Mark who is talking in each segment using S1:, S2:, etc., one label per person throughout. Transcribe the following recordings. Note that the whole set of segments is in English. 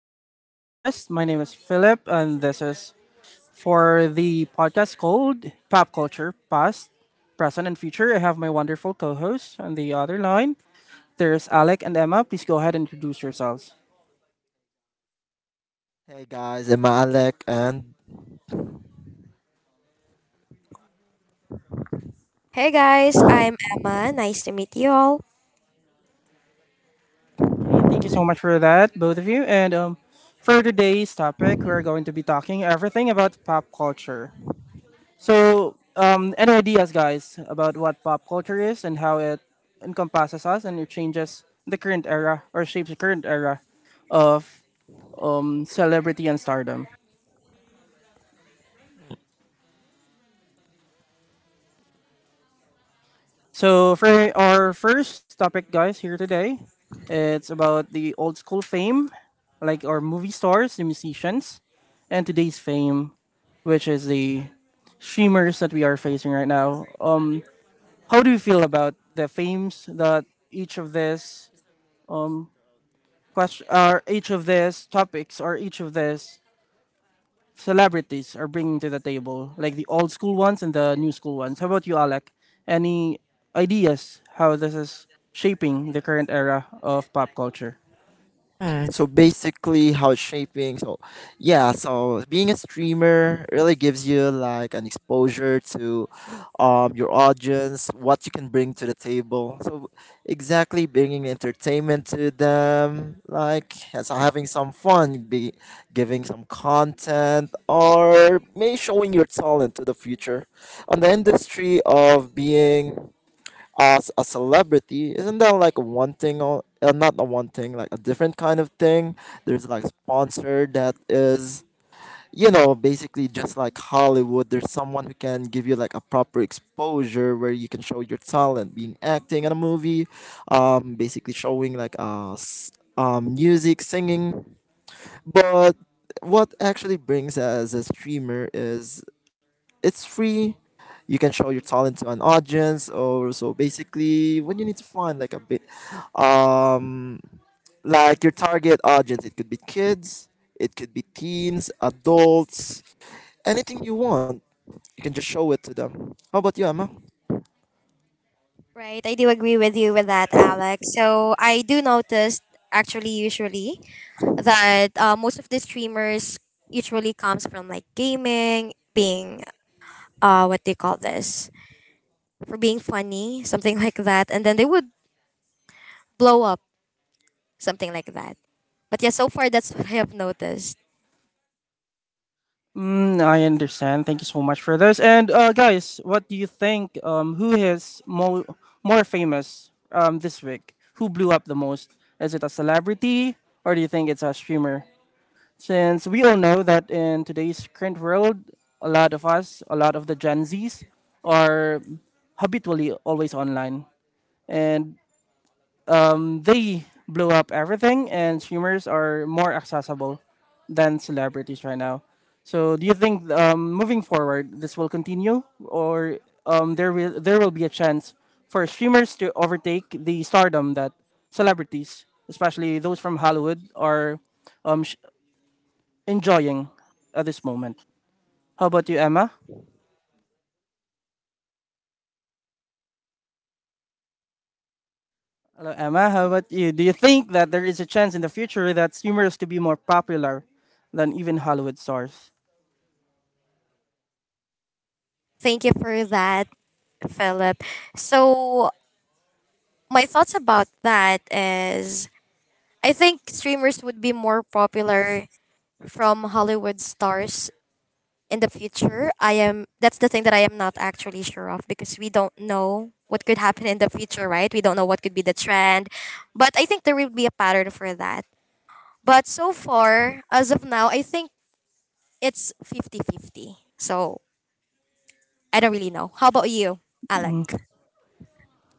S1: listening to our podcast. My name is Philip, and this is for the podcast called Pop Culture Past, Present, and Future. I have my wonderful co hosts on the other line. There's Alec and Emma. Please go ahead and introduce yourselves.
S2: Hey guys, I'm Alec, and
S3: Hey guys, I'm Emma. Nice to meet you all.
S1: Okay, thank you so much for that, both of you. And For today's topic, we're going to be talking everything about pop culture. Any ideas, guys, about what pop culture is and how it encompasses us and it changes the current era or shapes the current era of celebrity and stardom? So, for our first topic, guys, here today, it's about the old school fame, like our movie stars, the musicians, and today's fame, which is the streamers that we are facing right now. How do you feel about the fames that each of this question or each of these topics or each of these celebrities are bringing to the table, like the old school ones and the new school ones? How about you, Alec? Any ideas how this is shaping the current era of pop culture?
S2: So basically, how it's shaping. So being a streamer really gives you like an exposure to your audience, what you can bring to the table. So, exactly bringing entertainment to them, like yeah, so having some fun, be giving some content, or maybe showing your talent to the future on the industry of being. As a celebrity, isn't that like one thing or not a one thing, like a different kind of thing? There's like sponsor that is, you know, basically just like Hollywood. There's someone who can give you like a proper exposure where you can show your talent, being acting in a movie, basically showing like music, singing. But what actually brings as a streamer is it's free. You can show your talent to an audience, or so basically, when you need to find like a bit, um, like your target audience, it could be kids, it could be teens, adults, anything you want, you can just show it to them. How about you, Emma?
S3: Right, I do agree with you with that, Alex. So I do notice, actually, usually that most of the streamers usually comes from like gaming, being what they call this, for being funny, something like that, and then they would blow up, something like that. But yeah, so far that's what I have noticed.
S1: Mm, I understand. Thank you so much for this. And Guys, what do you think? Who is more famous this week? Who blew up the most? Is it a celebrity or do you think it's a streamer? Since we all know that in today's current world, a lot of us, a lot of the Gen Zs, are habitually always online. And they blow up everything, and streamers are more accessible than celebrities right now. So, do you think moving forward this will continue, or there will be a chance for streamers to overtake the stardom that celebrities, especially those from Hollywood, are um, sh- enjoying at this moment? How about you, Emma? Hello, Emma. How about you? Do you think that there is a chance in the future that streamers could be more popular than even Hollywood stars?
S3: Thank you for that, Philip. So my thoughts about that is I think streamers would be more popular from Hollywood stars in the future. I am That's the thing that I am not actually sure of, because we don't know what could happen in the future, right? We don't know what could be the trend. But I think there will be a pattern for that. But so far, as of now, I think it's fifty-fifty. So, I don't really know. How about you, Alec?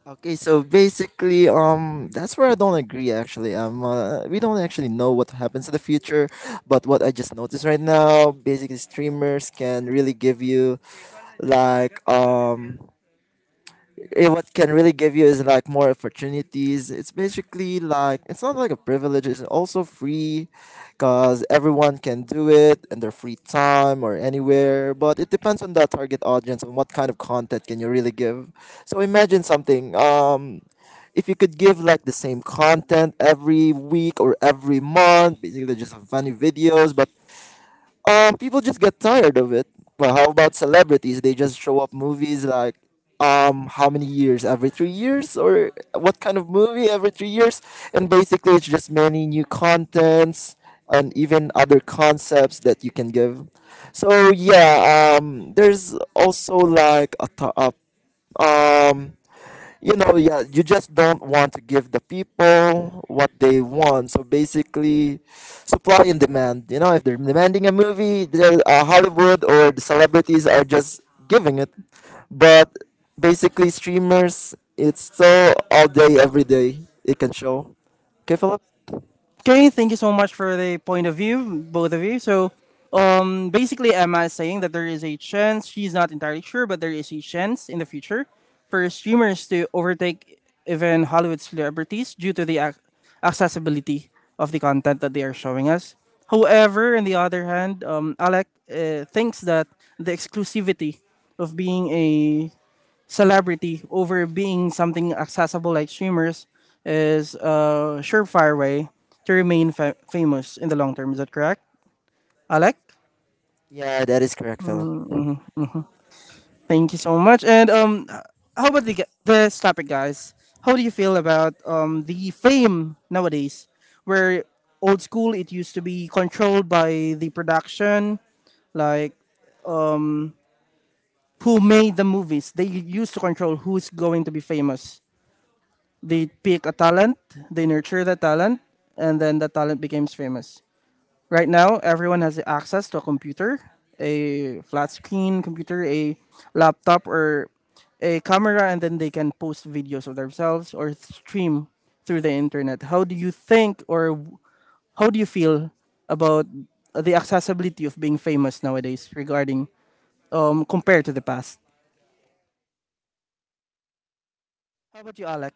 S2: Okay, so basically, that's where I don't agree. Actually, we don't actually know what happens in the future, but what I just noticed right now, basically, streamers can really give you like um what can really give you is like more opportunities. It's basically like it's not like a privilege. It's also free, cause everyone can do it in their free time or anywhere. But it depends on the target audience and what kind of content can you really give. So imagine something. If you could give like the same content every week or every month, basically just funny videos, but people just get tired of it. Well, how about celebrities? They just show up movies like how many years every 3 years, or what kind of movie every 3 years, and basically it's just many new contents and even other concepts that you can give. So yeah, there's also like a, to- a um you know, yeah, you just don't want to give the people what they want. So basically, supply and demand. You know, if they're demanding a movie, they're, Hollywood or the celebrities are just giving it. But basically, streamers, it's so all day, every day, it can show. Okay, Philip?
S1: Okay, thank you so much for the point of view, both of you. Basically, Emma is saying that there is a chance, she's not entirely sure, but there is a chance in the future for streamers to overtake even Hollywood celebrities due to the accessibility of the content that they are showing us. However, on the other hand, Alec thinks that the exclusivity of being a celebrity over being something accessible like streamers is a surefire way to remain famous in the long term. Is that correct, Alec?
S2: Yeah, that is correct, Philip.
S1: Thank you so much. How about the, this topic, guys? How do you feel about the fame nowadays? Where old school, it used to be controlled by the production, like who made the movies. They used to control who's going to be famous. They pick a talent, they nurture the talent, and then the talent becomes famous. Right now, everyone has access to a computer, a flat screen computer, a laptop, or a camera, and then they can post videos of themselves or stream through the internet. How do you feel about the accessibility of being famous nowadays regarding compared to the past? How about you, Alec?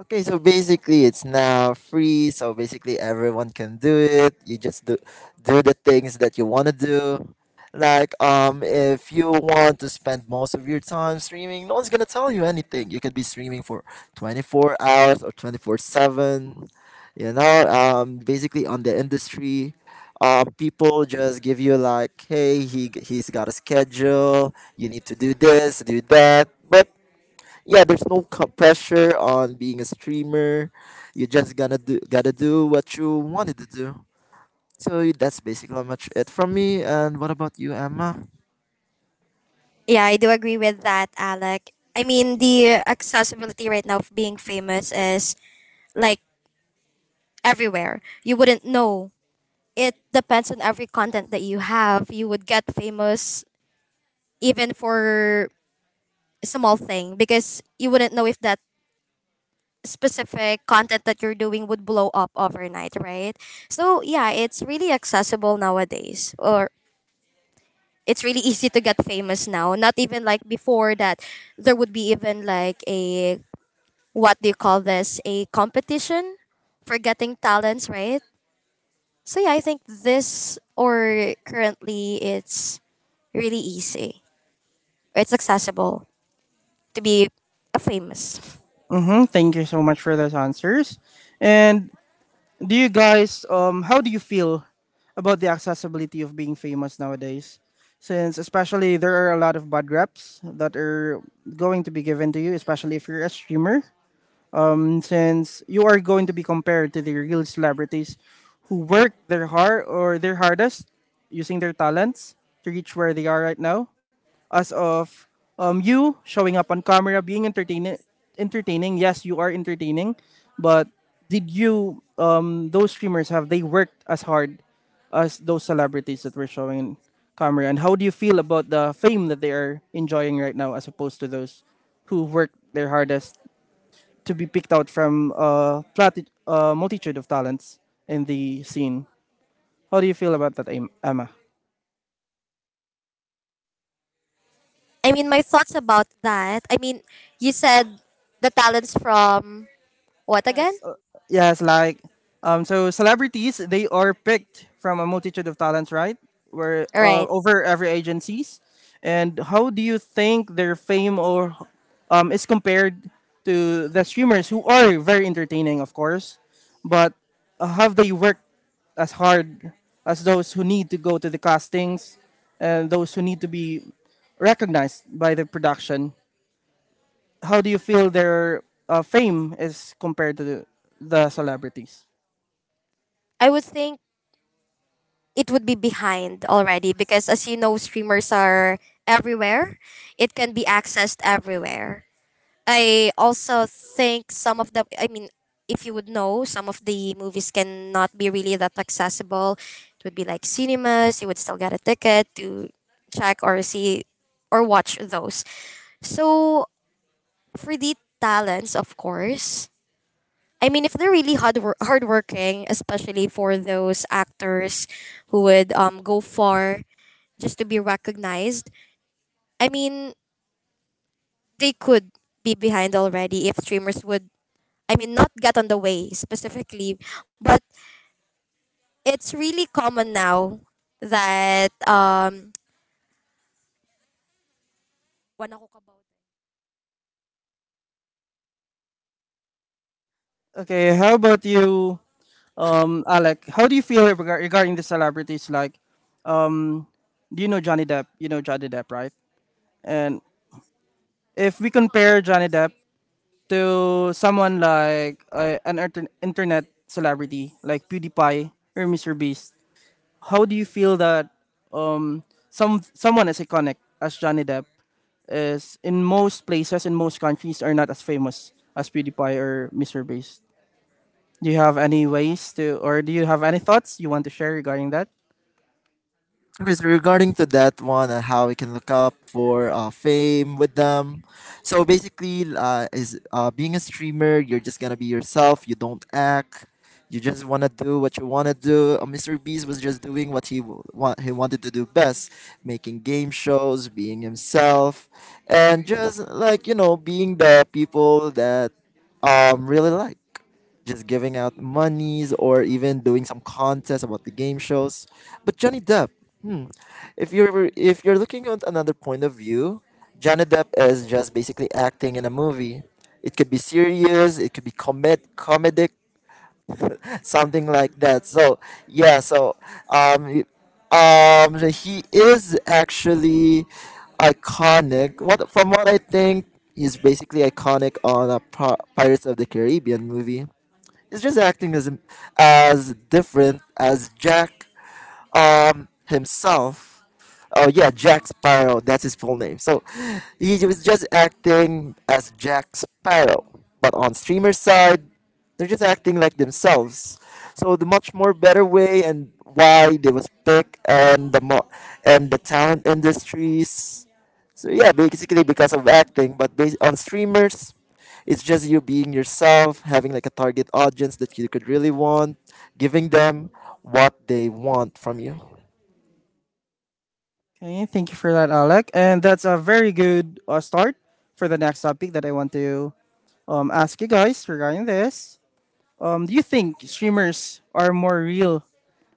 S2: Okay, so basically it's now free, so basically everyone can do it. You just do the things that you want to do. Like if you want to spend most of your time streaming, no one's going to tell you anything. You could be streaming for 24 hours or 24/7. You know, basically on the industry, people just give you like, "Hey, he's got a schedule. You need to do this, do that." But yeah, there's no pressure on being a streamer, you just gonna do gotta do what you wanted to do. So that's basically how much it from me, and what about you, Emma?
S3: Yeah, I do agree with that, Alec. I mean, the accessibility right now of being famous is like everywhere. You wouldn't know. It depends on every content that you have. You would get famous even for a small thing, because you wouldn't know if that specific content that you're doing would blow up overnight, right? So yeah, it's really accessible nowadays, or it's really easy to get famous now. Not even like before, that there would be even like a what do you call this? A competition for getting talents, right? So yeah, I think this, or currently, it's really easy. It's accessible to be a famous.
S1: Mm-hmm. Thank you so much for those answers. And do you guys how do you feel about the accessibility of being famous nowadays? Since especially there are a lot of bad reps that are going to be given to you, especially if you're a streamer since you are going to be compared to the real celebrities who work their hard or their hardest using their talents to reach where they are right now, as of you showing up on camera, being entertaining, entertaining. Yes, you are entertaining, but did you those streamers, have they worked as hard as those celebrities that were showing in camera, and how do you feel about the fame that they are enjoying right now as opposed to those who worked their hardest to be picked out from a multitude of talents in the scene. How do you feel about that, Emma?
S3: I mean, my thoughts about that. I mean, you said the talents from what again?
S1: Yes, uh, yes, like so celebrities, they are picked from a multitude of talents, right? Where
S3: Right.
S1: over every agencies, and how do you think their fame or is compared to the streamers who are very entertaining, of course, but have they worked as hard as those who need to go to the castings and those who need to be recognized by the production? How do you feel their fame is compared to the celebrities?
S3: I would think it would be behind already, because as you know, streamers are everywhere. It can be accessed everywhere. I also think some of the I mean, if you would know, some of the movies cannot be really that accessible. It would be like cinemas, you would still get a ticket to check or see or watch those. So for the talents, of course, I mean if they're really hardworking, especially for those actors who would go far just to be recognized. I mean they could be behind already if streamers would, I mean, not get on the way specifically, but it's really common now that. Wala ko kabaw.
S1: Okay, how about you, Alec? How do you feel regarding the celebrities? Like, do you know Johnny Depp? You know Johnny Depp, right? And if we compare Johnny Depp to someone like an internet celebrity like PewDiePie or Mr. Beast, how do you feel that um, someone as iconic as Johnny Depp is in most places, in most countries, are not as famous as PewDiePie or Mr. Beast? Do you have any ways to, or do you have any thoughts you want to share regarding that?
S2: Because regarding to that one and how we can look up for fame with them. So basically, is being a streamer, you're just gonna be yourself. You don't act. You just wanna do what you wanna do. Mr. Beast was just doing what he wanted to do best, making game shows, being himself, and just like you know, being the people that really like just giving out monies or even doing some contests about the game shows. But Johnny Depp, hmm. If you're looking at another point of view, Johnny Depp is just basically acting in a movie. It could be serious, it could be comedic, something like that. So yeah, so um, he is actually iconic. What from what I think, he's basically iconic on a Pirates of the Caribbean movie. He's just acting as different as Jack himself. Oh yeah, Jack Sparrow. That's his full name. So he was just acting as Jack Sparrow, but on streamer side, they're just acting like themselves. So the much more better way and why they was picked and and the talent industries. So yeah, basically because of acting, but based on streamers, it's just you being yourself, having like a target audience that you could really want, giving them what they want from you.
S1: Okay, thank you for that, Alec. And that's a very good start for the next topic that I want to ask you guys regarding this. Do you think streamers are more real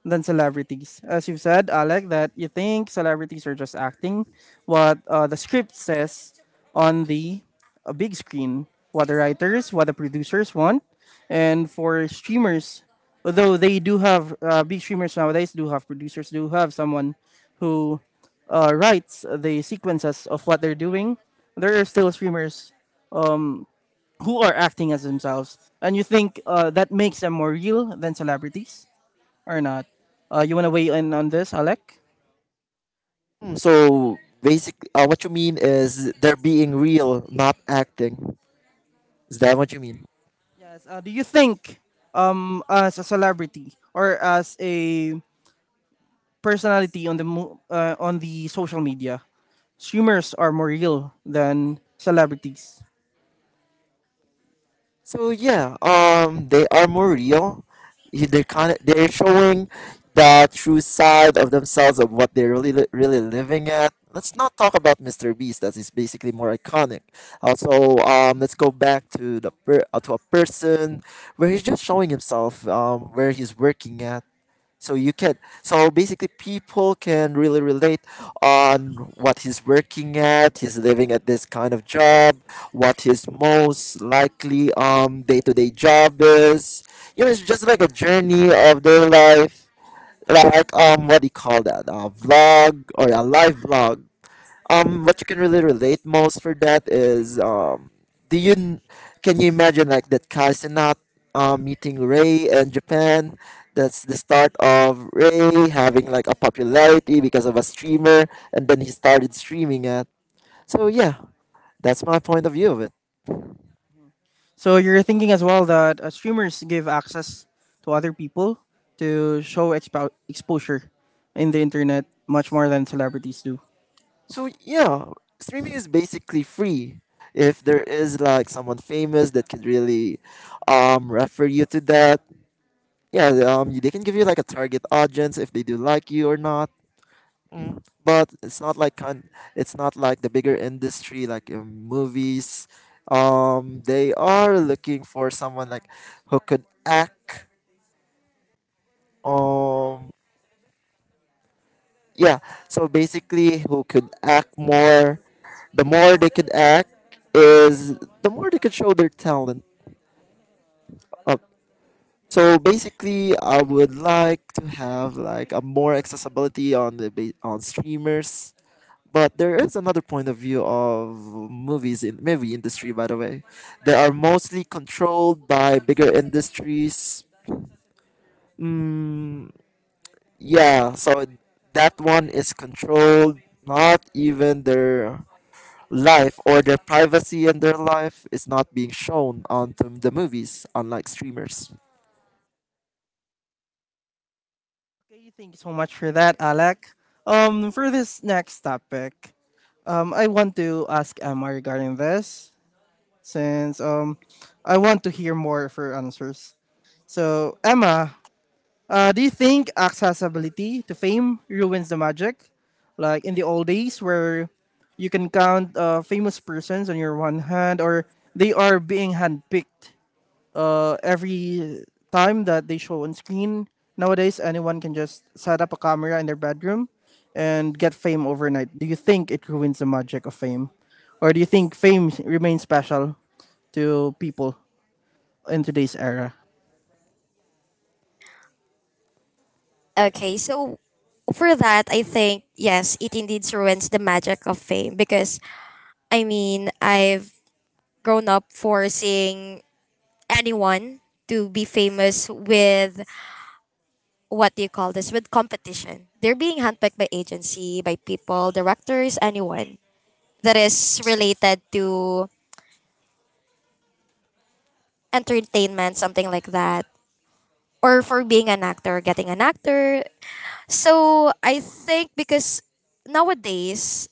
S1: than celebrities? As you've said, Alec, that you think celebrities are just acting what the script says on the big screen, what the writers, what the producers want. And for streamers, although they do have big streamers nowadays, do have producers, do have someone who writes the sequences of what they're doing, there are still streamers um, who are acting as themselves, and you think that makes them more real than celebrities? Or not. You want to weigh in on this, Alec?
S2: Mm, so basically, what you mean is they're being real, not acting. Is that what you mean?
S1: Yes. Do you think, as a celebrity or as a personality on the on the social media, streamers are more real than celebrities?
S2: So yeah, they are more real. They're kind of they're showing the true side of themselves of what they're really really living at. Let's not talk about Mr. Beast. That is basically more iconic. Also, let's go back to to a person where he's just showing himself, where he's working at, so you can so basically people can really relate on what he's working at, he's living at this kind of job, what his most likely day-to-day job is. You know, it's just like a journey of their life, like what do you call that, a vlog or a live vlog. What you can really relate most for that is do you n- can you imagine like that Kaisenat meeting Ray in Japan? That's the start of Ray having like a popularity because of a streamer, and then he started streaming it. So yeah, that's my point of view of it.
S1: So you're thinking as well that streamers give access to other people to show exposure in the internet much more than celebrities do.
S2: So yeah, streaming is basically free. If there is like someone famous that could really refer you to that, yeah, they can give you like a target audience if they do like you or not. But it's not like the bigger industry like in movies. They are looking for someone like who could act. um yeah so basically who could act more, the more they could act is the more they could show their talent up. So basically I would like to have like a more accessibility on on streamers. But there is another point of view of movies in movie industry. By the way, they are mostly controlled by bigger industries. Mm, yeah, so that one is controlled. Not even their life or their privacy and their life is not being shown onto the movies, unlike streamers.
S1: Okay, thank you so much for that, Alec. For this next topic, I want to ask Emma regarding this since I want to hear more of her answers. So, Emma, do you think accessibility to fame ruins the magic? Like in the old days where you can count famous persons on your one hand or they are being handpicked every time that they show on screen. Nowadays, anyone can just set up a camera in their bedroom and get fame overnight. Do you think it ruins the magic of fame? Or do you think fame remains special to people in today's era?
S3: Okay, so for that, I think yes, it indeed ruins the magic of fame, because I mean I've grown up forcing anyone to be famous with, what do you call this, with competition. They're being handpicked by agency, by people, directors, anyone that is related to entertainment, something like that. Or for being an actor, getting an actor. So I think, because nowadays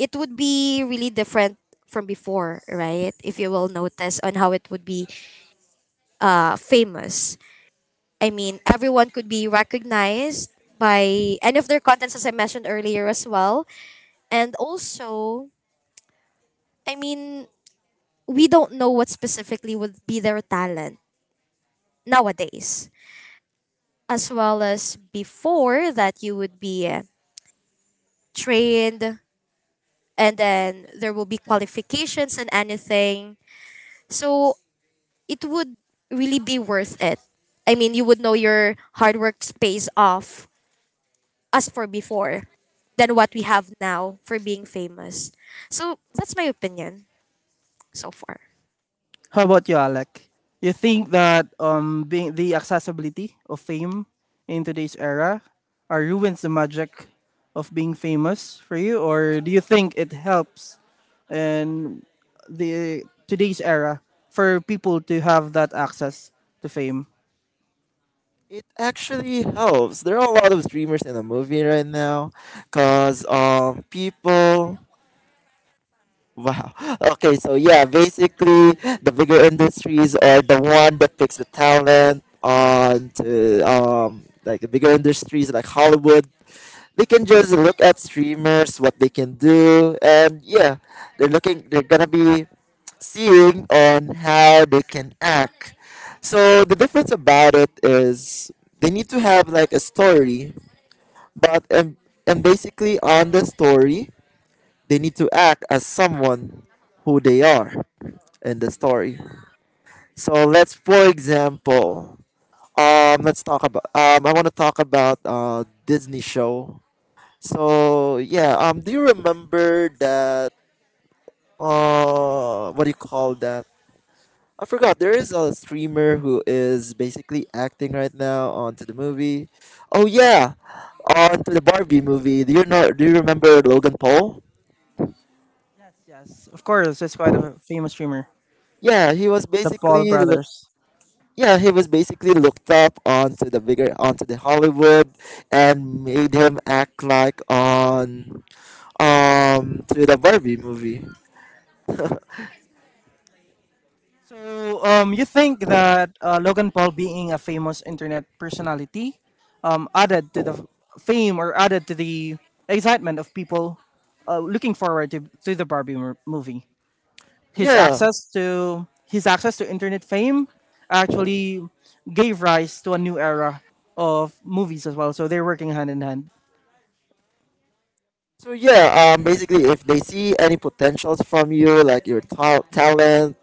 S3: it would be really different from before, right? If you will notice on how it would be famous. I mean, everyone could be recognized by any of their contents, as I mentioned earlier as well. And also, I mean, we don't know what specifically would be their talent nowadays, as well as before that you would be trained, and then there will be qualifications and anything. So it would really be worth it. I mean, you would know your hard work pays off as for before than what we have now for being famous. So that's my opinion so far.
S1: How about you, Alec? You think that being the accessibility of fame in today's era are ruins the magic of being famous for you, or do you think it helps in the today's era for people to have that access to fame?
S2: It actually helps. There are a lot of streamers in the movie right now, cause people. Wow. Okay, so yeah, basically the bigger industries are the one that picks the talent on to like the bigger industries like Hollywood. They can just look at streamers, what they can do, and yeah, they're gonna be seeing on how they can act. So the difference about it is they need to have like a story, but and basically on the story they need to act as someone who they are in the story. So let's, for example, let's talk about. I want to talk about Disney show. So yeah, do you remember that? What do you call that? I forgot. There is a streamer who is basically acting right now onto the movie. Oh yeah, onto the Barbie movie. Do you know? Do you remember Logan Paul?
S1: Yes, yes, of course. It's quite a famous streamer,
S2: Yeah, he was
S1: the Paul
S2: basically
S1: brothers.
S2: yeah, he was basically looked up onto the bigger onto the Hollywood, and made him act like on to the Barbie movie.
S1: So, you think that Logan Paul being a famous internet personality added to the fame or added to the excitement of people looking forward to the Barbie movie? His
S2: Yeah.
S1: access to his access to internet fame actually gave rise to a new era of movies as well. So they're working hand in hand.
S2: So yeah, basically if they see any potentials from you like your talent,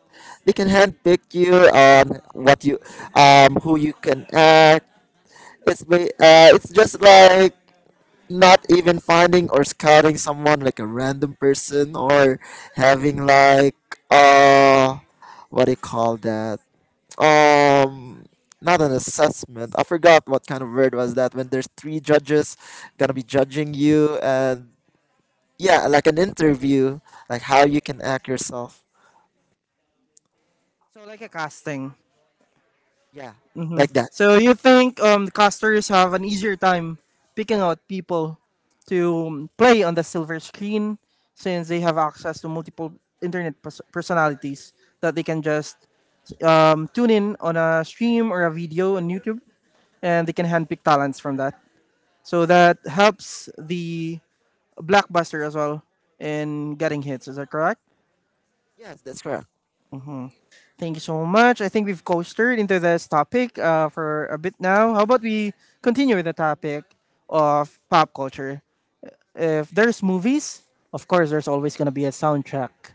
S2: they can handpick you on what you who you can act. It's just like not even finding or scouting someone like a random person or having like uh what do you call that, um not an assessment, I forgot what kind of word was that, when there's three judges gonna be judging you and yeah, like an interview, like how you can act yourself.
S1: So like a casting.
S2: Yeah, like that.
S1: So you think the casters have an easier time picking out people to play on the silver screen since they have access to multiple internet personalities that they can just tune in on a stream or a video on YouTube, and they can handpick talents from that. So that helps the blockbuster as well in getting hits. Is that correct?
S2: Yes, that's correct.
S1: Thank you so much. I think we've coasted into this topic for a bit now. How about we continue with the topic of pop culture? If there's movies, of course, there's always going to be a soundtrack.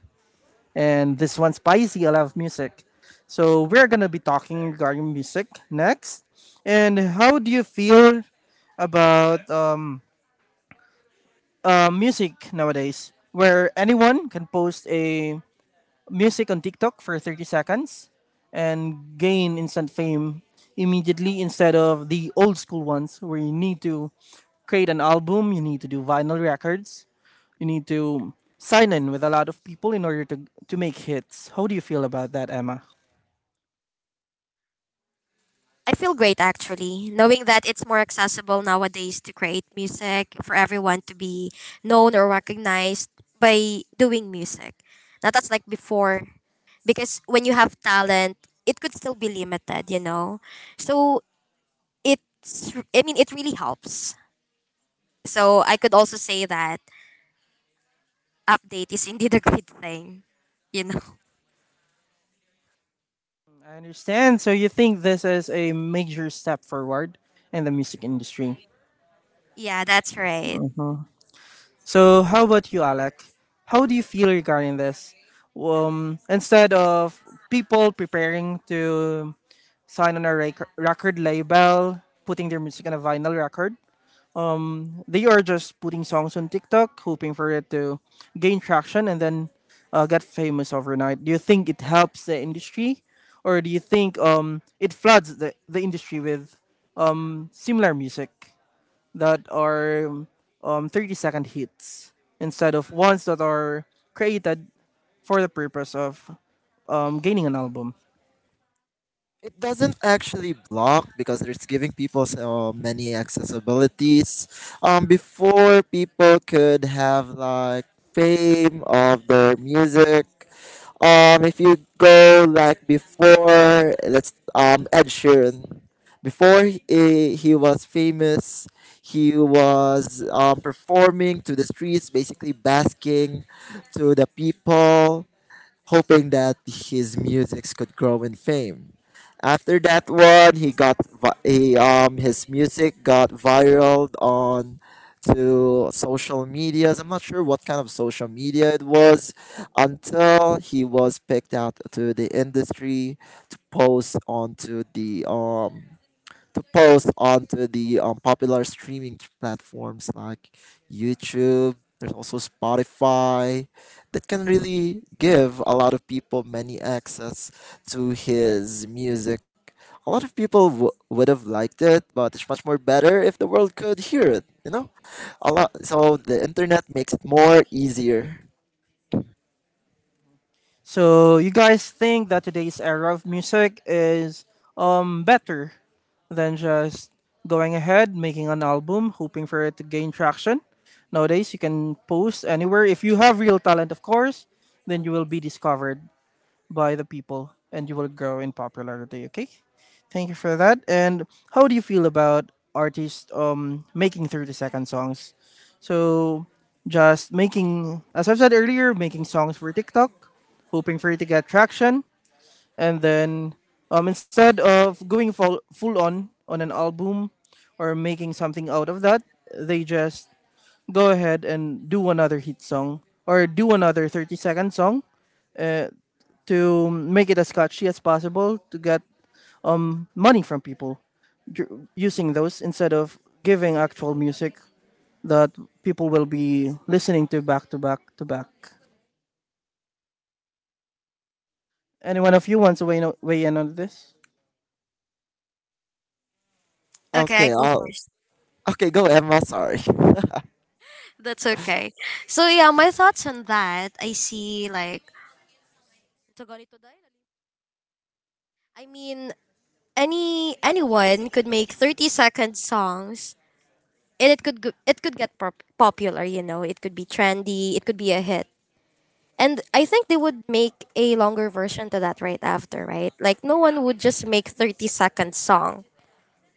S1: And this one's spicy. I love music. So we're going to be talking regarding music next. And how do you feel about music nowadays, where anyone can post a music on TikTok for 30 seconds and gain instant fame immediately instead of the old school ones where you need to create an album, you need to do vinyl records, you need to sign in with a lot of people in order to make hits. How do you feel about that, Emma?
S3: I feel great actually, knowing that it's more accessible nowadays to create music for everyone to be known or recognized by doing music. Not as like before, because when you have talent, it could still be limited, you know? So it's, I mean, it really helps. So I could also say that update is indeed a great thing, you know?
S1: I understand. So you think this is a major step forward in the music industry.
S3: Yeah, that's right.
S1: So, how about you, Alec? How do you feel regarding this? Instead of people preparing to sign on a record label, putting their music on a vinyl record, they are just putting songs on TikTok, hoping for it to gain traction and then get famous overnight. Do you think it helps the industry, or do you think it floods the industry with similar music that are 30-second hits instead of ones that are created for the purpose of gaining an album?
S2: It doesn't actually block because it's giving people so many accessibilities. Before people could have like fame of their music. If you go like before, let's Ed Sheeran. Before he was famous, he was performing to the streets, basically basking to the people hoping that his music could grow in fame. After that one, he got vi- he, his music got viral on to social medias. I'm not sure what kind of social media it was until he was picked out to the industry to post onto the popular streaming platforms like YouTube. There's also Spotify that can really give a lot of people many access to his music. A lot of people would have liked it, but it's much more better if the world could hear it. You know, a lot. So the internet makes it more easier.
S1: So, you guys think that today's era of music is better than just going ahead, making an album, hoping for it to gain traction? Nowadays, you can post anywhere. If you have real talent, of course, then you will be discovered by the people, and you will grow in popularity. Okay, thank you for that. And how do you feel about artists making 30-second songs, so just making, as I've said earlier, making songs for TikTok, hoping for it to get traction, and then instead of going full on an album or making something out of that, they just go ahead and do another hit song or do another 30-second song. Uh to make it as catchy as possible to get money from people, using those instead of giving actual music that people will be listening to back to back to back. Any one of you wants to weigh in on this?
S3: Okay, I
S2: Okay,
S3: go
S2: I'll,
S3: first.
S2: okay, go Emma. Sorry.
S3: That's okay. So yeah, my thoughts on that, I see like, so ganito dahil I mean, anyone could make 30-second songs, and it could get popular, you know. It could be trendy, it could be a hit. And I think they would make a longer version to that right after, right? Like no one would just make 30-second song.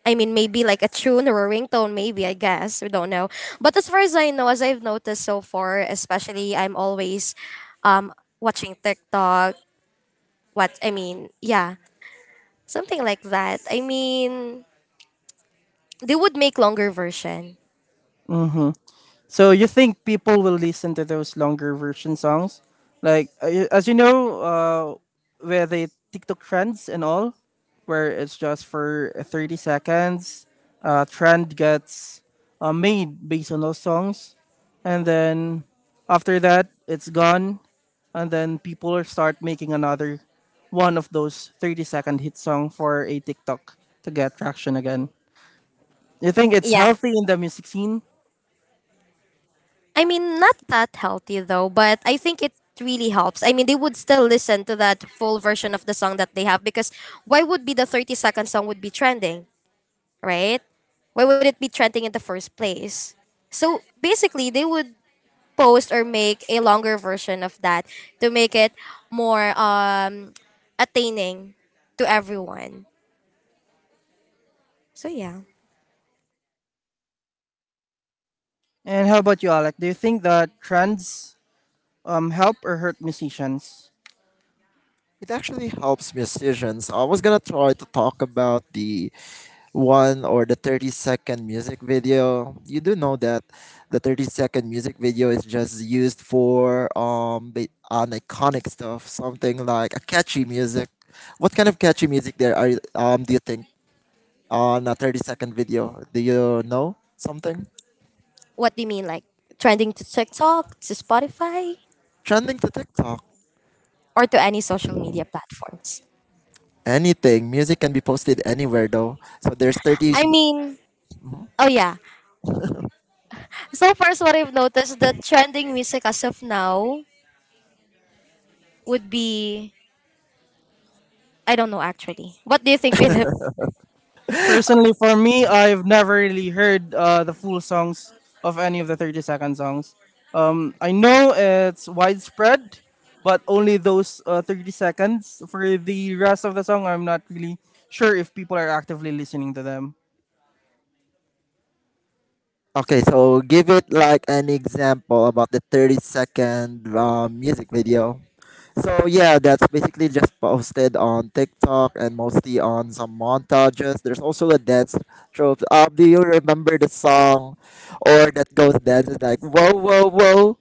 S3: I mean, maybe like a tune or a ringtone, maybe, I guess. We don't know. But as far as I know, as I've noticed so far, especially I'm always um, watching TikTok. What I mean, yeah, something like that. I mean, they would make longer version.
S1: So you think people will listen to those longer version songs? Like as you know, where the TikTok trends and all, where it's just for 30 seconds, trend gets made based on those songs, and then after that it's gone, and then people start making another one of those 30 second hit song for a TikTok to get traction again. You think it's
S3: Yeah.
S1: healthy in the music scene?
S3: I mean, not that healthy though, but I think it really helps. I mean, they would still listen to that full version of the song that they have, because why would be the 30-second song would be trending, right? Why would it be trending in the first place? So basically, they would post or make a longer version of that to make it more attaining to everyone. So yeah.
S1: And how about you, Alec? Do you think that trends help or hurt musicians?
S2: It actually helps musicians. I was gonna try to talk about the one or the 30-second music video. You do know that the 30-second music video is just used for an iconic stuff, something like a catchy music. What kind of catchy music there, are do you think, on a 30-second video? Do you know something
S3: What do you mean, like trending to TikTok, to Spotify,
S2: trending to TikTok?
S3: or to any social media platforms?
S2: Anything music can be posted anywhere, though, so there's
S3: I mean, oh yeah. So first, what I've noticed that trending music as of now would be I don't know actually. What do you think, Philip?
S1: Personally, for me, I've never really heard the full songs of any of the 30-second songs. I know it's widespread, but only those 30 seconds. For the rest of the song, I'm not really sure if people are actively listening to them.
S2: okay, so give it like an example about the 30 second music video. So yeah, that's basically just posted on TikTok and mostly on some montages. There's also a dance trope. Do you remember the song or that goes, dance is like whoa whoa whoa?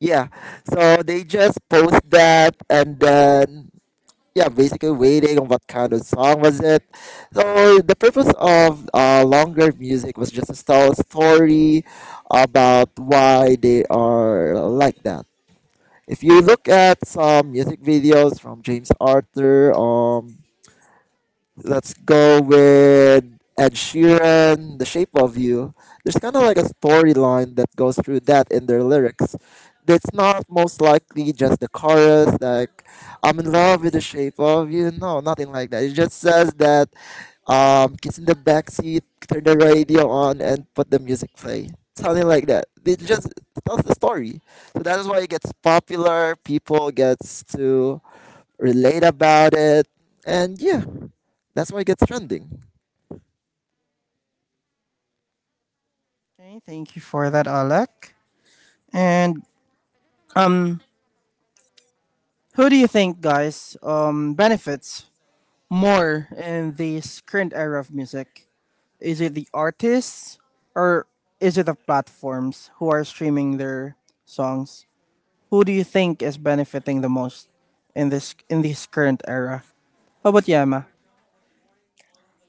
S2: Yeah. So they just post that, and then yeah, basically waiting on what kind of song was it. So the purpose of longer music was just to tell a story about why they are like that. If you look at some music videos from James Arthur, let's go with Ed Sheeran, The Shape of You. There's kind of like a storyline that goes through that in their lyrics. It's not most likely just the chorus, like, I'm in love with the shape of you. No, nothing like that. It just says that kids in the back seat, turn the radio on, and put the music play. Something like that. It just tells the story. So that is why it gets popular. People gets to relate about it, and yeah, that's why it gets trending.
S1: Okay, thank you for that, Alec. And um, who do you think, guys, benefits more in this current era of music? Is it the artists, or is it the platforms who are streaming their songs? Who do you think is benefiting the most in this current era? How about Yama?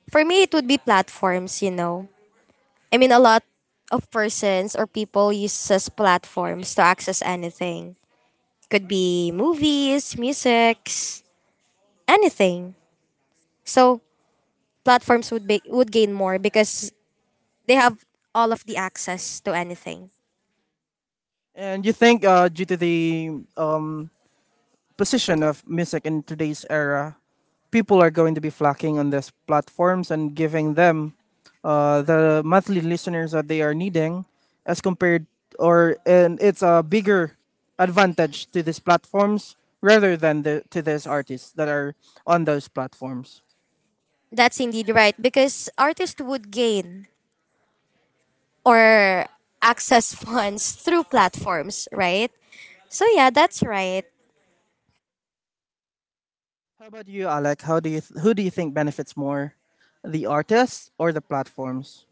S3: For me, it would be platforms. You know, I mean, a lot of persons or people uses platforms to access anything. Could be movies, musics, anything. So platforms would gain more, because they have all of the access to anything.
S1: And you think due to the position of music in today's era, people are going to be flocking on these platforms and giving them the monthly listeners that they are needing, as compared, or, and it's a bigger advantage to these platforms rather than to these artists that are on those platforms.
S3: That's indeed right because artists would gain or access funds through platforms, right? So yeah, that's right.
S1: How about you, Alec? How do you who do you think benefits more, the artists or the platforms?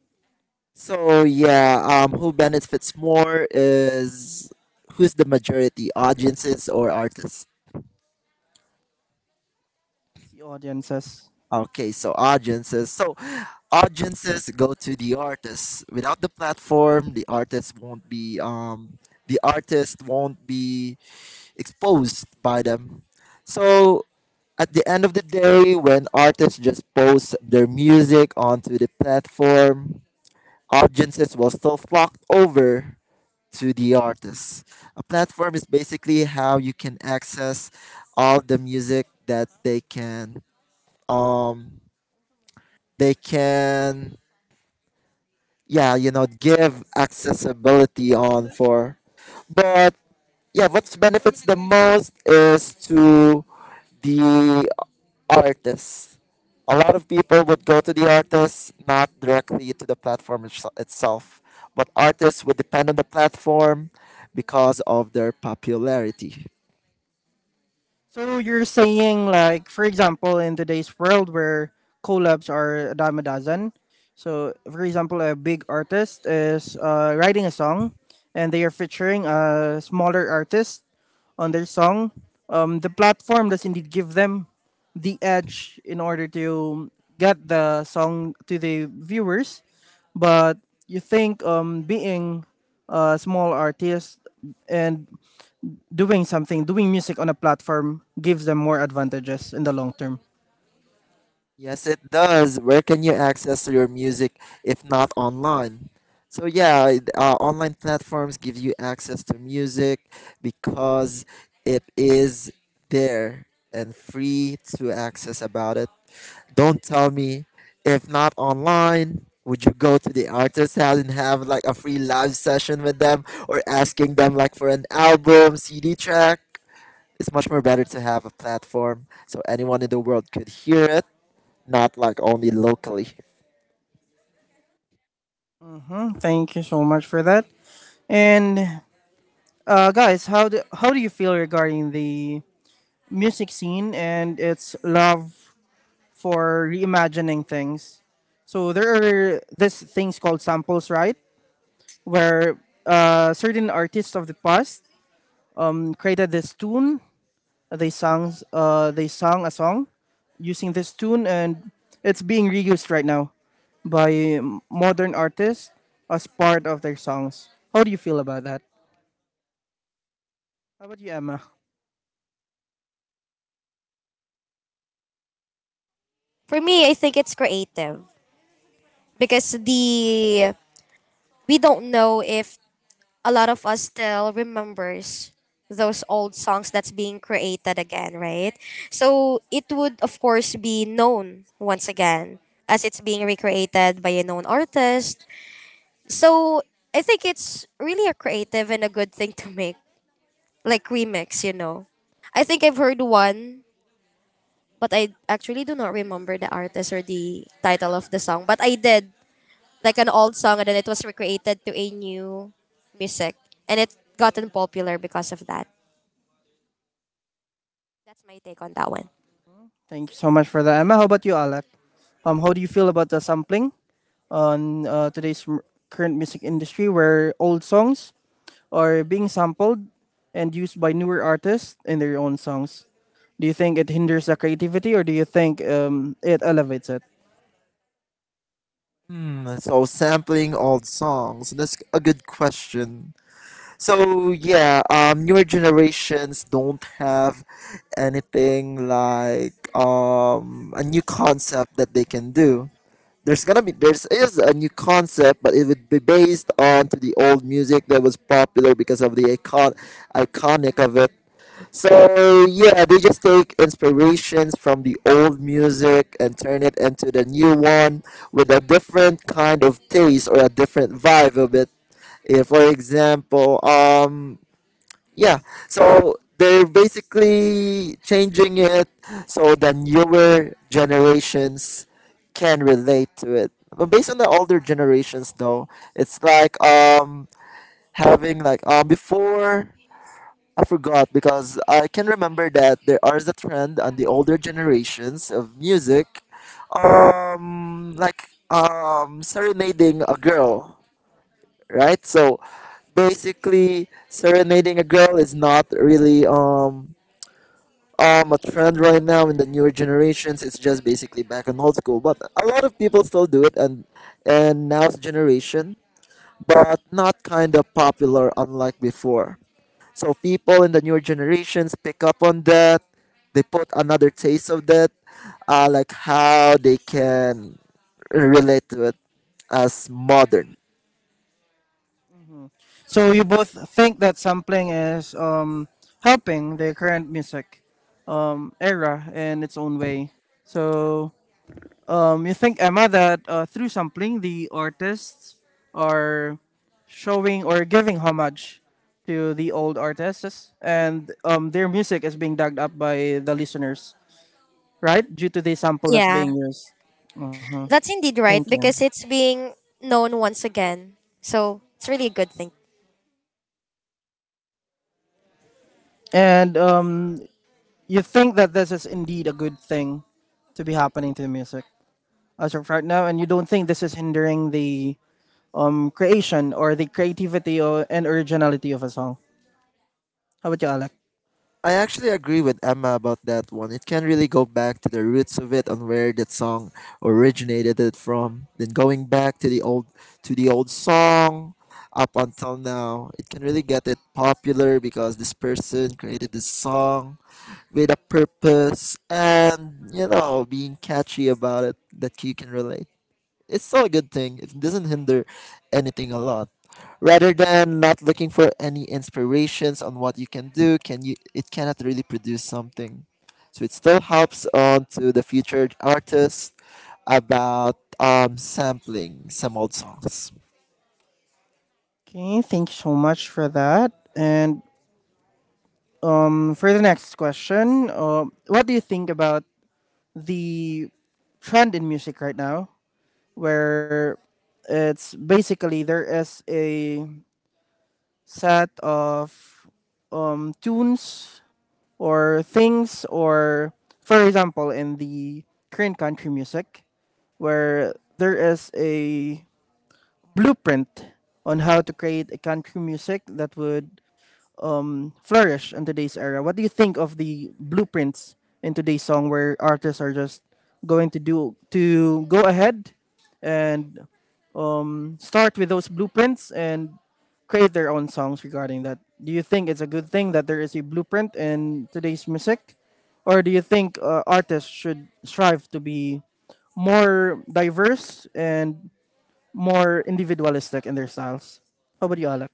S2: So yeah, who benefits more is who's the majority, audiences or artists?
S1: The audiences.
S2: Okay, so audiences. So audiences go to the artists. Without the platform, the artists won't be the artist won't be exposed by them. So at the end of the day, when artists just post their music onto the platform, audiences will still flock over to the artists. A platform is basically how you can access all the music that they can um they can yeah, you know, give accessibility on for. But yeah, what benefits the most is to the artists. A lot of people would go to the artists, not directly to the platform itself. But artists would depend on the platform because of their popularity.
S1: So you're saying like, for example, in today's world where collabs are a dime a dozen. So for example, a big artist is writing a song, and they are featuring a smaller artist on their song. The platform does indeed give them the edge in order to get the song to the viewers. But you think being a small artist and doing music on a platform gives them more advantages in the long term.
S2: Yes, it does. Where can you access your music if not online? So yeah, online platforms give you access to music because it is there and free to access about it. Don't tell me if not online, would you go to the artist's house and have like a free live session with them, or asking them like for an album, CD track? It's much more better to have a platform so anyone in the world could hear it, not like only locally.
S1: Hmm. Thank you so much for that. And guys, how do you feel regarding the music scene and its love for reimagining things? So there are these things called samples, right? Where certain artists of the past created this tune. They sang a song using this tune, and it's being reused right now by modern artists as part of their songs. How do you feel about that? How about you, Emma?
S3: For me, I think it's creative, because the we don't know if a lot of us still remembers those old songs that's being created again, right? So it would of course be known once again as it's being recreated by a known artist. So I think it's really a creative and a good thing to make, like remix, you know. I think I've heard one, but I actually do not remember the artist or the title of the song. But I did like an old song, and then it was recreated to a new music, and it gotten popular because of that. That's my take on that one.
S1: Thank you so much for that, Emma. How about you, Alec? How do you feel about the sampling on current music industry, where old songs are being sampled and used by newer artists in their own songs? Do you think it hinders the creativity, or do you think it elevates it?
S2: Hmm. So sampling old songs, that's a good question. So yeah, newer generations don't have anything like a new concept that they can do. There's gonna be there's is a new concept, but it would be based on to the old music that was popular because of the iconic of it. So yeah, they just take inspirations from the old music and turn it into the new one with a different kind of taste or a different vibe of it. Yeah, for example, yeah, so they're basically changing it so the newer generations can relate to it. But based on the older generations, though, it's like having like before, I forgot because I can remember that there is a trend on the older generations of music, like serenading a girl, right? So basically, serenading a girl is not really a trend right now in the newer generations. It's just basically back in old school, but a lot of people still do it, and now's generation, but not kind of popular unlike before. So people in the newer generations pick up on that. They put another taste of that, like how they can relate to it as modern.
S1: So you both think that sampling is helping the current music era in its own way. So you think, Emma, that through sampling the artists are showing or giving homage to the old artists, and their music is being dug up by the listeners, right? Due to the sample that's
S3: Yeah,
S1: being used. Hmm.
S3: that's indeed
S1: Thank
S3: right
S1: you.
S3: because it's being known once again. So it's really a good thing.
S1: And you think that this is indeed a good thing to be happening to music as of right now, and you don't think this is hindering the creation or the creativity, and originality of a song. How about you, Alec?
S2: I actually agree with Emma about that one. It can really go back to the roots of it and where that song originated it from. Then going back to the old song up until now, it can really get it popular because this person created this song with a purpose, and you know, being catchy about it that you can relate. It's still a good thing. It doesn't hinder anything a lot, rather than not looking for any inspirations on what you can do. Can you, it cannot really produce something. So it still helps on to the future artists about sampling some old songs.
S1: Okay, thank you so much for that. And for the next question, what do you think about the trend in music right now, where it's basically there is a set of tunes or things, or for example, in the Korean country music, where there is a blueprint on how to create a country music that would flourish in today's era. What do you think of the blueprints in today's song, where artists are just going to do to go ahead and start with those blueprints and create their own songs regarding that. Do you think it's a good thing that there is a blueprint in today's music, or do you think artists should strive to be more diverse and more individualistic in their styles? How about you, Alec?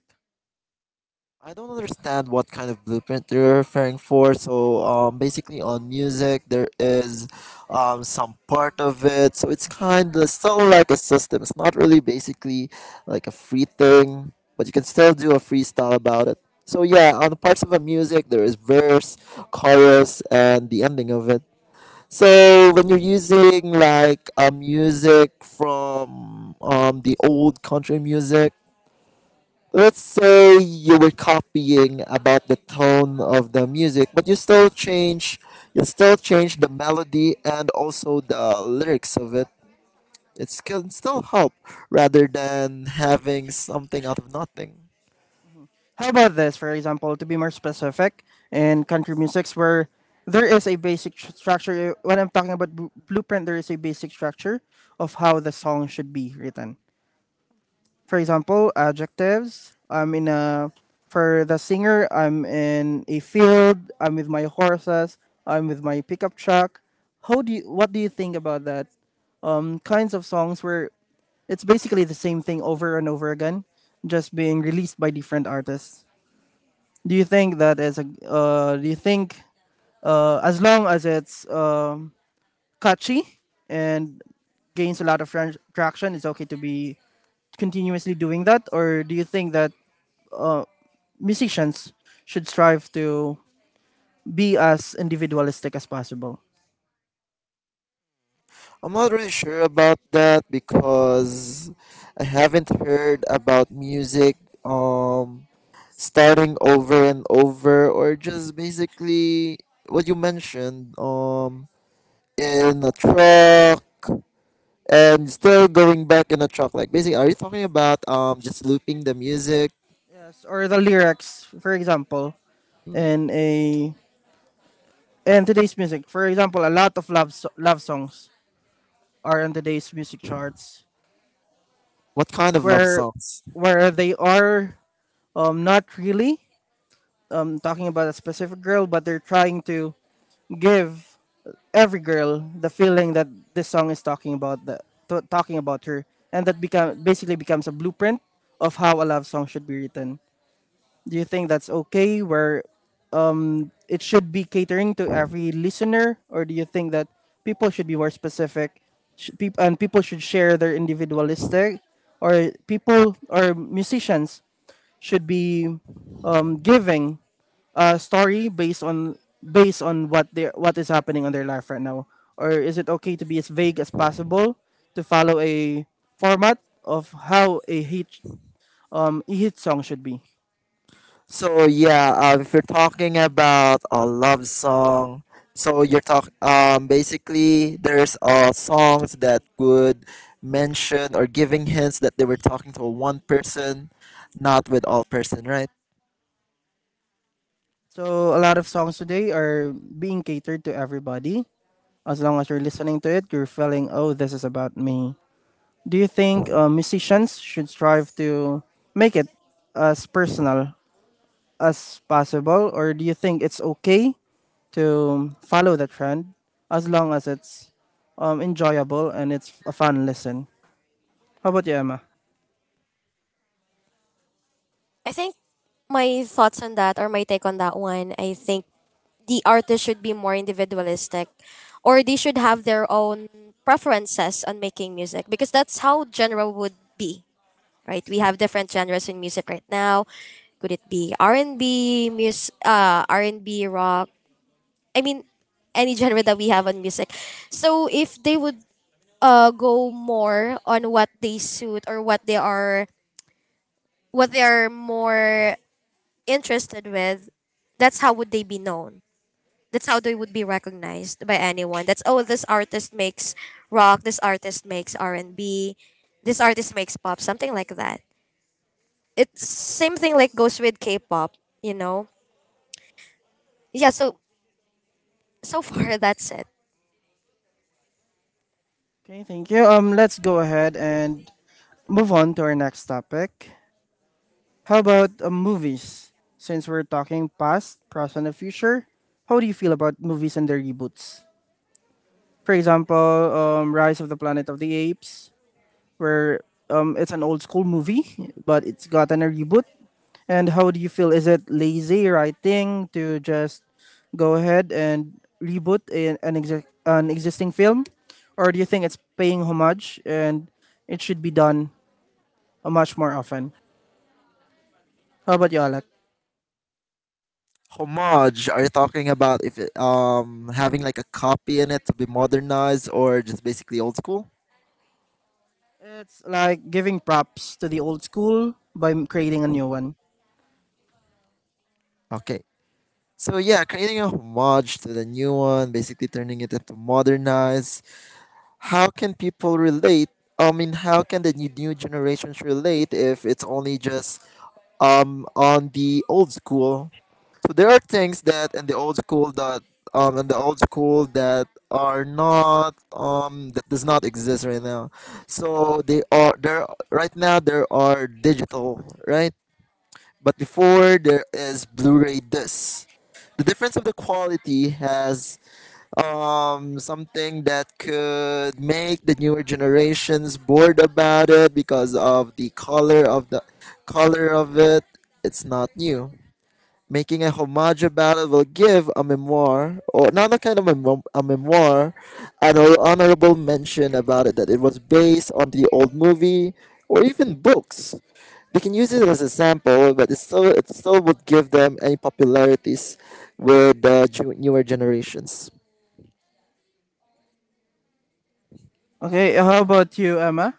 S2: I don't understand what kind of blueprint they are referring for. So, basically on music, there is, some part of it. So it's kind of still like a system. It's not really basically like a free thing, but you can still do a freestyle about it. So yeah, on the parts of a music, there is verse, chorus, and the ending of it. So when you're using like a music from the old country music, let's say you were copying about the tone of the music, but you still change the melody and also the lyrics of it. It can still help, rather than having something out of nothing.
S1: How about this, for example, to be more specific, in country musics where there is a basic structure. When I'm talking about blueprint, there is a basic structure of how the song should be written. For example, adjectives. I'm in a for the singer. I'm in a field. I'm with my horses. I'm with my pickup truck. How do you? What do you think about that? Kinds of songs where it's basically the same thing over and over again, just being released by different artists. Do you think that is a? Do you think as long as it's catchy and gains a lot of traction, it's okay to be continuously doing that, or do you think that uh, musicians should strive to be as individualistic as possible?
S2: I'm not really sure about that, because I haven't heard about music um starting over and over, or just basically what you mentioned, in a truck and still going back in a truck. Like basically, are you talking about just looping the music?
S1: Yes, or the lyrics, for example,
S2: Hmm.
S1: in a in today's music, for example, a lot of love songs are in today's music charts,
S2: What kind of love
S1: where
S2: songs?
S1: where they are not really talking about a specific girl, but they're trying to give every girl the feeling that this song is talking about the talking about her, and that become basically becomes a blueprint of how a love song should be written. Do you think that's okay, where it should be catering to every listener, or do you think that people should be more specific, sh- peop- and people should share their individualistic, or people or musicians should be giving a story based on what they what is happening on their life right now, or is it okay to be as vague as possible to follow a format of how a hit song should be?
S2: So yeah, if you're talking about a love song, so you're talk basically there's songs that would mention or giving hints that they were talking to one person, not with all person, right?
S1: So a lot of songs today are being catered to everybody. As long as you're listening to it, you're feeling, oh, this is about me. Do you think musicians should strive to make it as personal as possible, or do you think it's okay to follow the trend as long as it's enjoyable and it's a fun listen? How about you, Emma?
S3: I think my thoughts on that, or my take on that one, I think the artist should be more individualistic, or they should have their own preferences on making music, because that's how genre would be. Right, we have different genres in music right now. Could it be R&B, R&B rock, I mean any genre that we have on music. So if they would go more on what they suit, or what they are more interested with, that's how would they be known. That's how they would be recognized by anyone. That's oh, this artist makes rock. This artist makes R and B. This artist makes pop. Something like that. It's same thing like goes with K-pop. You know. Yeah. So far that's it.
S1: Okay, thank you. Let's go ahead and move on to our next topic. How about movies? Since we're talking past, present, and future, how do you feel about movies and their reboots? For example, Rise of the Planet of the Apes, where it's an old school movie, but it's gotten a reboot. And how do you feel? Is it lazy writing to just go ahead and reboot an existing film? Or do you think it's paying homage and it should be done much more often? How about you, Alec?
S2: Homage, are you talking about if it, having like a copy in it to be modernized, or just basically old school?
S1: It's like giving props to the old school by creating a new one.
S2: Okay. So yeah, creating a homage to the new one, basically turning it into modernized. How can people relate? I mean, how can the new generations relate if it's only just on the old school? So there are things that in the old school that are not that does not exist right now. So they are there right now. There are digital right, but before there is Blu-ray discs. The difference of the quality has something that could make the newer generations bored about it because of the color of it. It's not new. Making a homage about it will give a memoir, or not a kind of a memoir, an honorable mention about it, that it was based on the old movie or even books. They can use it as a sample, but it still, it still would give them any popularities with the newer generations.
S1: Okay, how about you, Emma?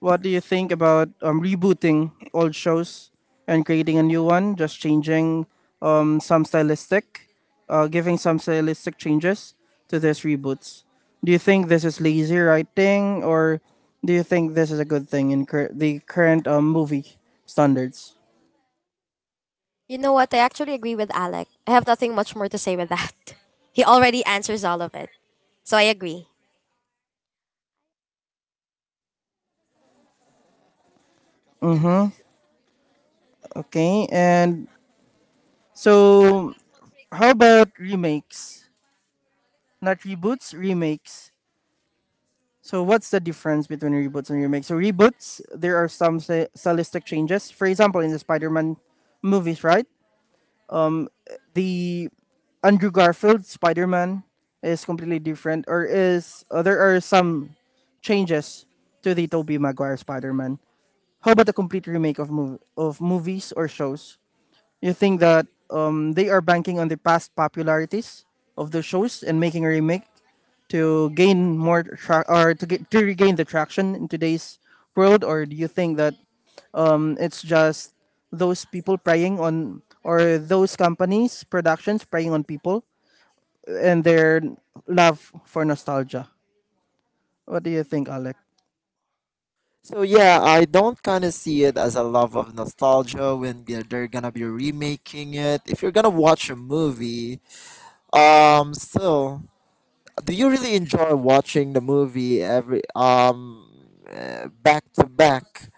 S1: What do you think about rebooting old shows and creating a new one, just changing um, some stylistic, giving some stylistic changes to these reboots? Do you think this is lazy writing, or do you think this is a good thing in the current movie standards?
S3: You know what? I actually agree with Alec. I have nothing much more to say with that. He already answers all of it. So I agree.
S1: Okay. And so how about remakes? Not reboots, remakes. So what's the difference between reboots and remakes? So reboots, there are some stylistic changes. For example, in the Spider-Man movies, right? The Andrew Garfield Spider-Man is completely different, or is there are some changes to the Tobey Maguire Spider-Man? How about a complete remake of movies or shows? You think that they are banking on the past popularities of the shows and making a remake to gain more tra- or to get to regain the traction in today's world, or do you think that it's just those people preying on or those companies productions preying on people and their love for nostalgia? What do you think, Alec?
S2: So yeah, I don't kind of see it as a love of nostalgia when they're gonna be remaking it. If you're gonna watch a movie, still, do you really enjoy watching the movie every back to back?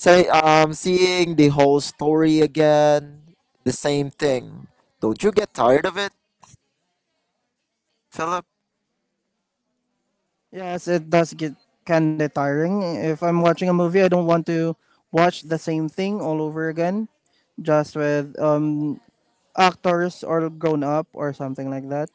S2: Say seeing the whole story again, the same thing. Don't you get tired of it, Philip?
S1: Yes, it does get kind of tiring. If I'm watching a movie, I don't want to watch the same thing all over again, just with actors or grown up or something like that.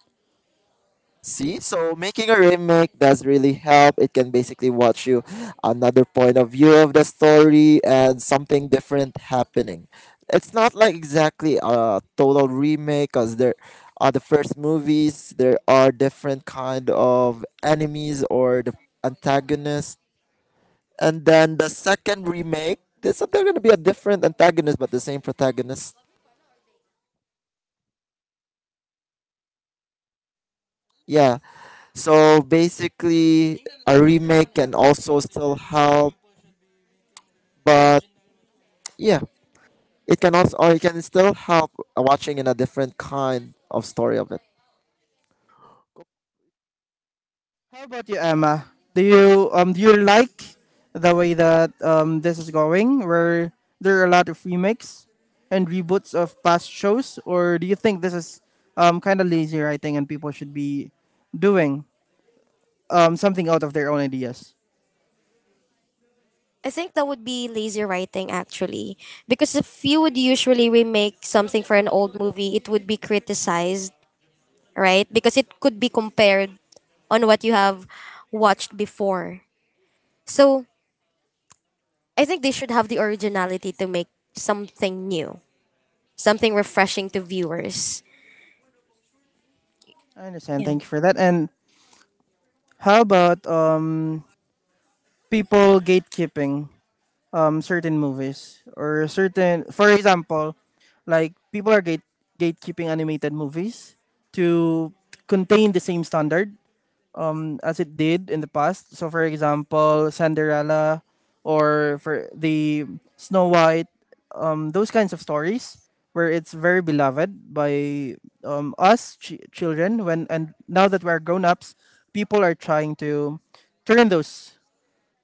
S2: See, so making a remake does really help. It can basically watch you another point of view of the story and something different happening. It's not like exactly a total remake, because there are the first movies. There are different kind of enemies or the antagonists, and then the second remake. There's they're gonna be a different antagonist but the same protagonist. Yeah. So basically, a remake can also still help, but yeah, it can also or it can still help watching in a different kind of story of it.
S1: How about you, Emma? Do you like the way that this is going, where there are a lot of remakes and reboots of past shows, or do you think this is kind of lazy writing and people should be doing something out of their own ideas?
S3: I think that would be lazy writing actually. Because if you would usually remake something for an old movie, it would be criticized, right? Because it could be compared on what you have watched before. So I think they should have the originality to make something new, something refreshing to viewers.
S1: I understand.
S3: Yeah.
S1: Thank you for that. And how about people gatekeeping? Certain movies or certain, for example, like people are gatekeeping animated movies to contain the same standard as it did in the past, so for example Cinderella or for the Snow White, those kinds of stories where it's very beloved by children. When and now that we're grown-ups, people are trying to turn those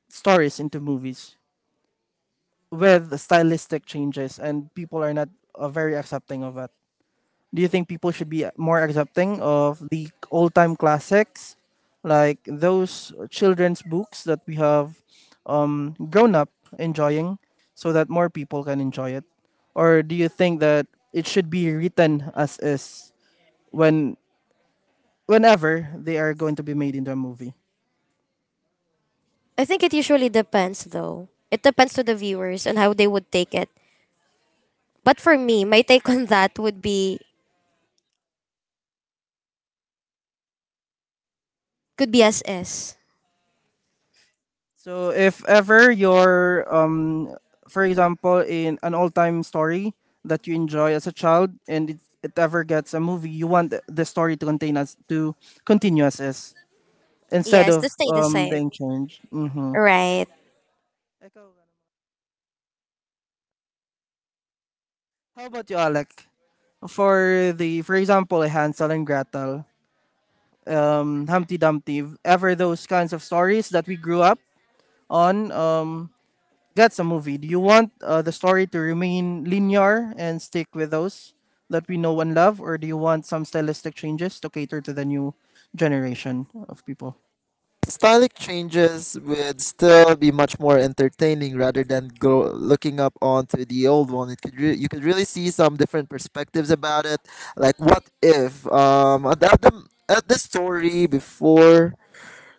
S1: stories into movies with stylistic changes, and people are not very accepting of it. Do you think people should be more accepting of the old time classics, like those children's books that we have grown up enjoying, so that more people can enjoy it? Or do you think that it should be written as is when whenever they are going to be made into a movie?
S3: I think it usually depends though. It depends to the viewers and how they would take it. But for me, my take on that, would be could be as is.
S1: So if ever you're, for example, in an all-time story that you enjoy as a child, and it ever gets a movie, you want the story to contain us to continue as is instead
S3: Yes,
S1: of
S3: to stay the same.
S1: being changed. Mm-hmm.
S3: Right.
S1: How about you, Alec? For for example, Hansel and Gretel, Humpty Dumpty, ever those kinds of stories that we grew up on, that's a movie. Do you want the story to remain linear and stick with those that we know and love, or do you want some stylistic changes to cater to the new generation of people?
S2: Stylistic changes would still be much more entertaining, rather than go looking up onto the old one. It could you could really see some different perspectives about it. Like what if at the, at the at the story before,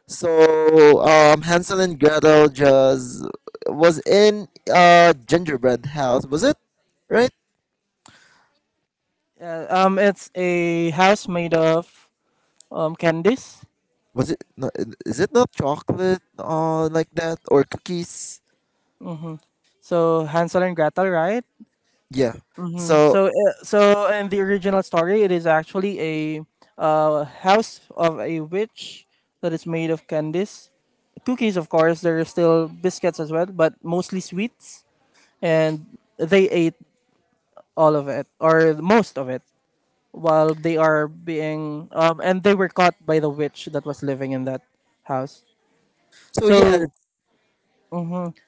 S2: so Hansel and Gretel just was in a gingerbread house, was it, right?
S1: Yeah, it's a house made of candies.
S2: Was it not, is it not chocolate like that or cookies?
S1: So Hansel and Gretel, right?
S2: Yeah. So
S1: So, uh, so in the original story, it is actually a house of a witch that is made of candies, cookies, of course. There are still biscuits as well, but mostly sweets. And they ate all of it or most of it while they are being and they were caught by the witch that was living in that house.
S2: so yeah,
S1: So
S2: it-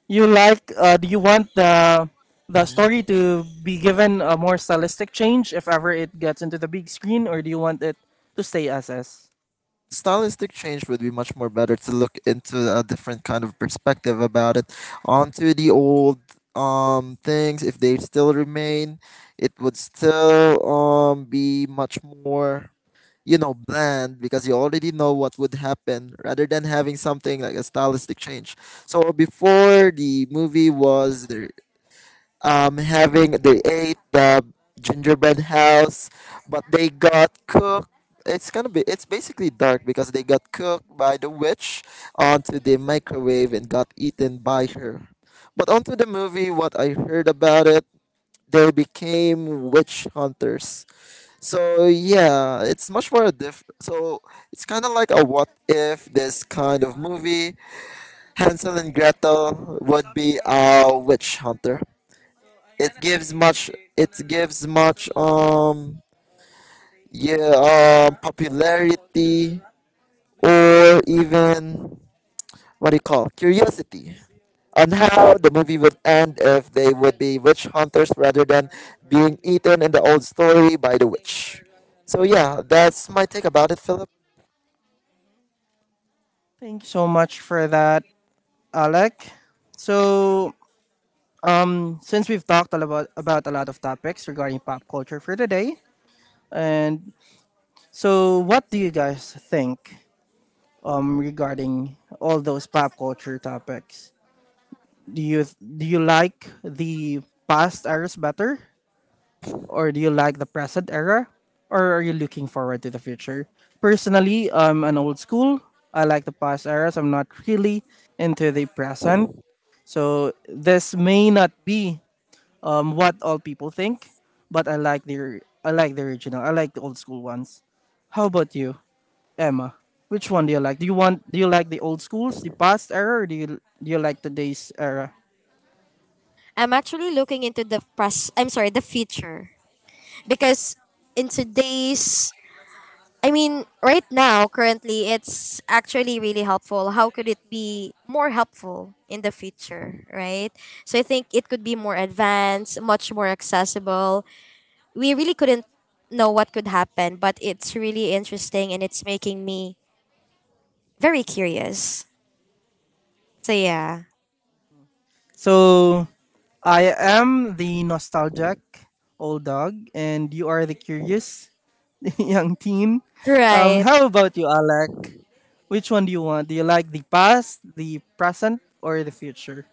S1: you like do you want the
S2: Mhm.
S1: story to be given a more stylistic change if ever it gets into the big screen, or do you want it to stay as is?
S2: Stylistic change would be much more better to look into a different kind of perspective about it. Onto the old things, if they still remain, it would still be much more, you know, bland, because you already know what would happen, rather than having something like a stylistic change. So before the movie was there, having they ate the gingerbread house, but they got cooked. It's gonna be, it's basically dark because they got cooked by the witch onto the microwave and got eaten by her. But onto the movie, what I heard about it, they became witch hunters. So yeah, it's much more diff. So it's kind of like a what if this kind of movie. Hansel and Gretel would be a witch hunter. It gives much, it gives much um yeah, popularity, or even what do you call, curiosity, on how the movie would end if they would be witch hunters rather than being eaten in the old story by the witch. So yeah, that's my take about it, Philip.
S1: Thank you so much for that, Alec. So since we've talked a lot about a lot of topics regarding pop culture for today, and what do you guys think regarding all those pop culture topics? Do you like the past eras better, or do you like the present era, or are you looking forward to the future? Personally, I'm an old school. I like the past eras. I'm not really into the present. So this may not be what all people think, but I like the original. I like the old school ones. How about you, Emma? Which one do you like? Do you want do you like the old schools, the past era, or do you like today's era?
S3: I'm actually looking into the past, I'm sorry, the future. Because in today's I mean, right now, currently, it's actually really helpful. How could it be more helpful in the future, right? So I think it could be more advanced, much more accessible. We really couldn't know what could happen, but it's really interesting, and it's making me very curious. So yeah.
S1: So, I am the nostalgic old dog, and you are the curious young teen.
S3: Right.
S1: How about you, Alec? Which one do you want? Do you like the past, the present, or the future?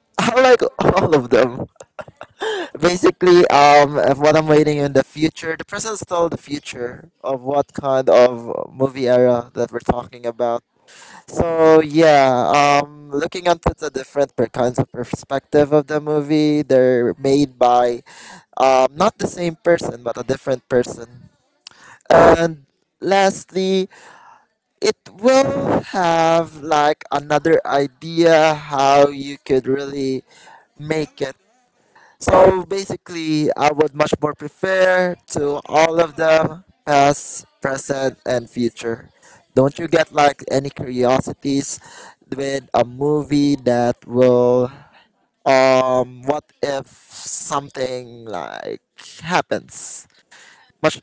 S2: I like all of them. Basically, of what I'm waiting in the future, the present is still the future of what kind of movie era that we're talking about. So yeah, looking onto the different per kinds of perspective of the movie, they're made by not the same person but a different person. And lastly, it will have like another idea how you could really make it. So basically, I would much more prefer to all of them, past, present, and future. Don't you get like any curiosities with a movie that will, what if something like happens? Much,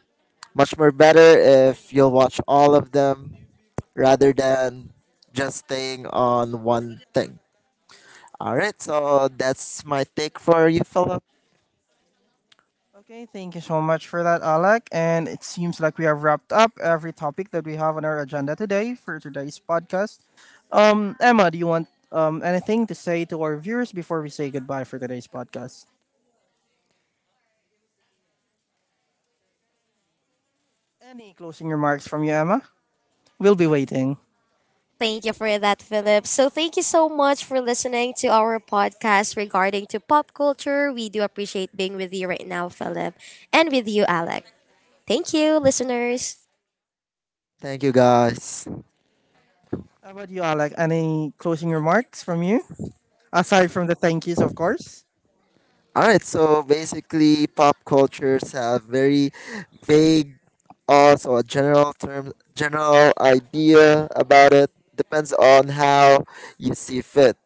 S2: much more better if you'll watch all of them rather than just staying on one thing. All right, so that's my take for you, Philip.
S1: Okay, thank you so much for that, Alec. And it seems like we have wrapped up every topic that we have on our agenda today for today's podcast. Emma, do you want anything to say to our viewers before we say goodbye for today's podcast? Any closing remarks from you, Emma? We'll be waiting.
S3: Thank you for that, Philip. So thank you so much for listening to our podcast regarding to pop culture. We do appreciate being with you right now, Philip, and with you, Alex. Thank you, listeners.
S2: Thank you, guys.
S1: How about you, Alec? Any closing remarks from you? Aside from the thank yous, of course.
S2: All right, so basically, pop cultures have very vague, also a general term, general idea about it. Depends on how you see fit.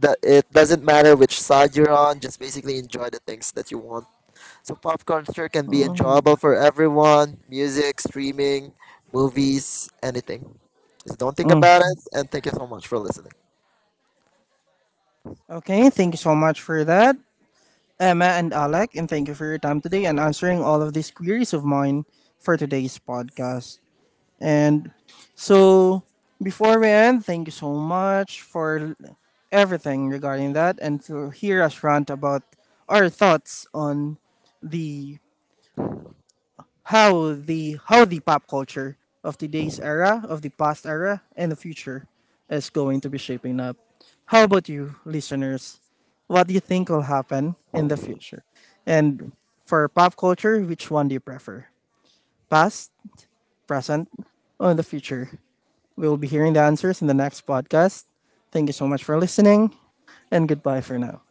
S2: That it doesn't matter which side you're on. Just basically enjoy the things that you want. So pop culture can be enjoyable
S1: Mm.
S2: for everyone. Music, streaming, movies, anything. Just don't think
S1: Mm.
S2: about it. And thank you so much for listening.
S1: Okay, thank you so much for that. Emma and Alec, and thank you for your time today and answering all of these queries of mine for today's podcast. And so, before we end, thank you so much for everything regarding that and to hear us rant about our thoughts on the how the how the pop culture of today's era, of the past era, and the future is going to be shaping up. How about you, listeners? What do you think will happen in the future? And for pop culture, which one do you prefer? Past, present, or the future? We'll be hearing the answers in the next podcast. Thank you so much for listening, and goodbye for now.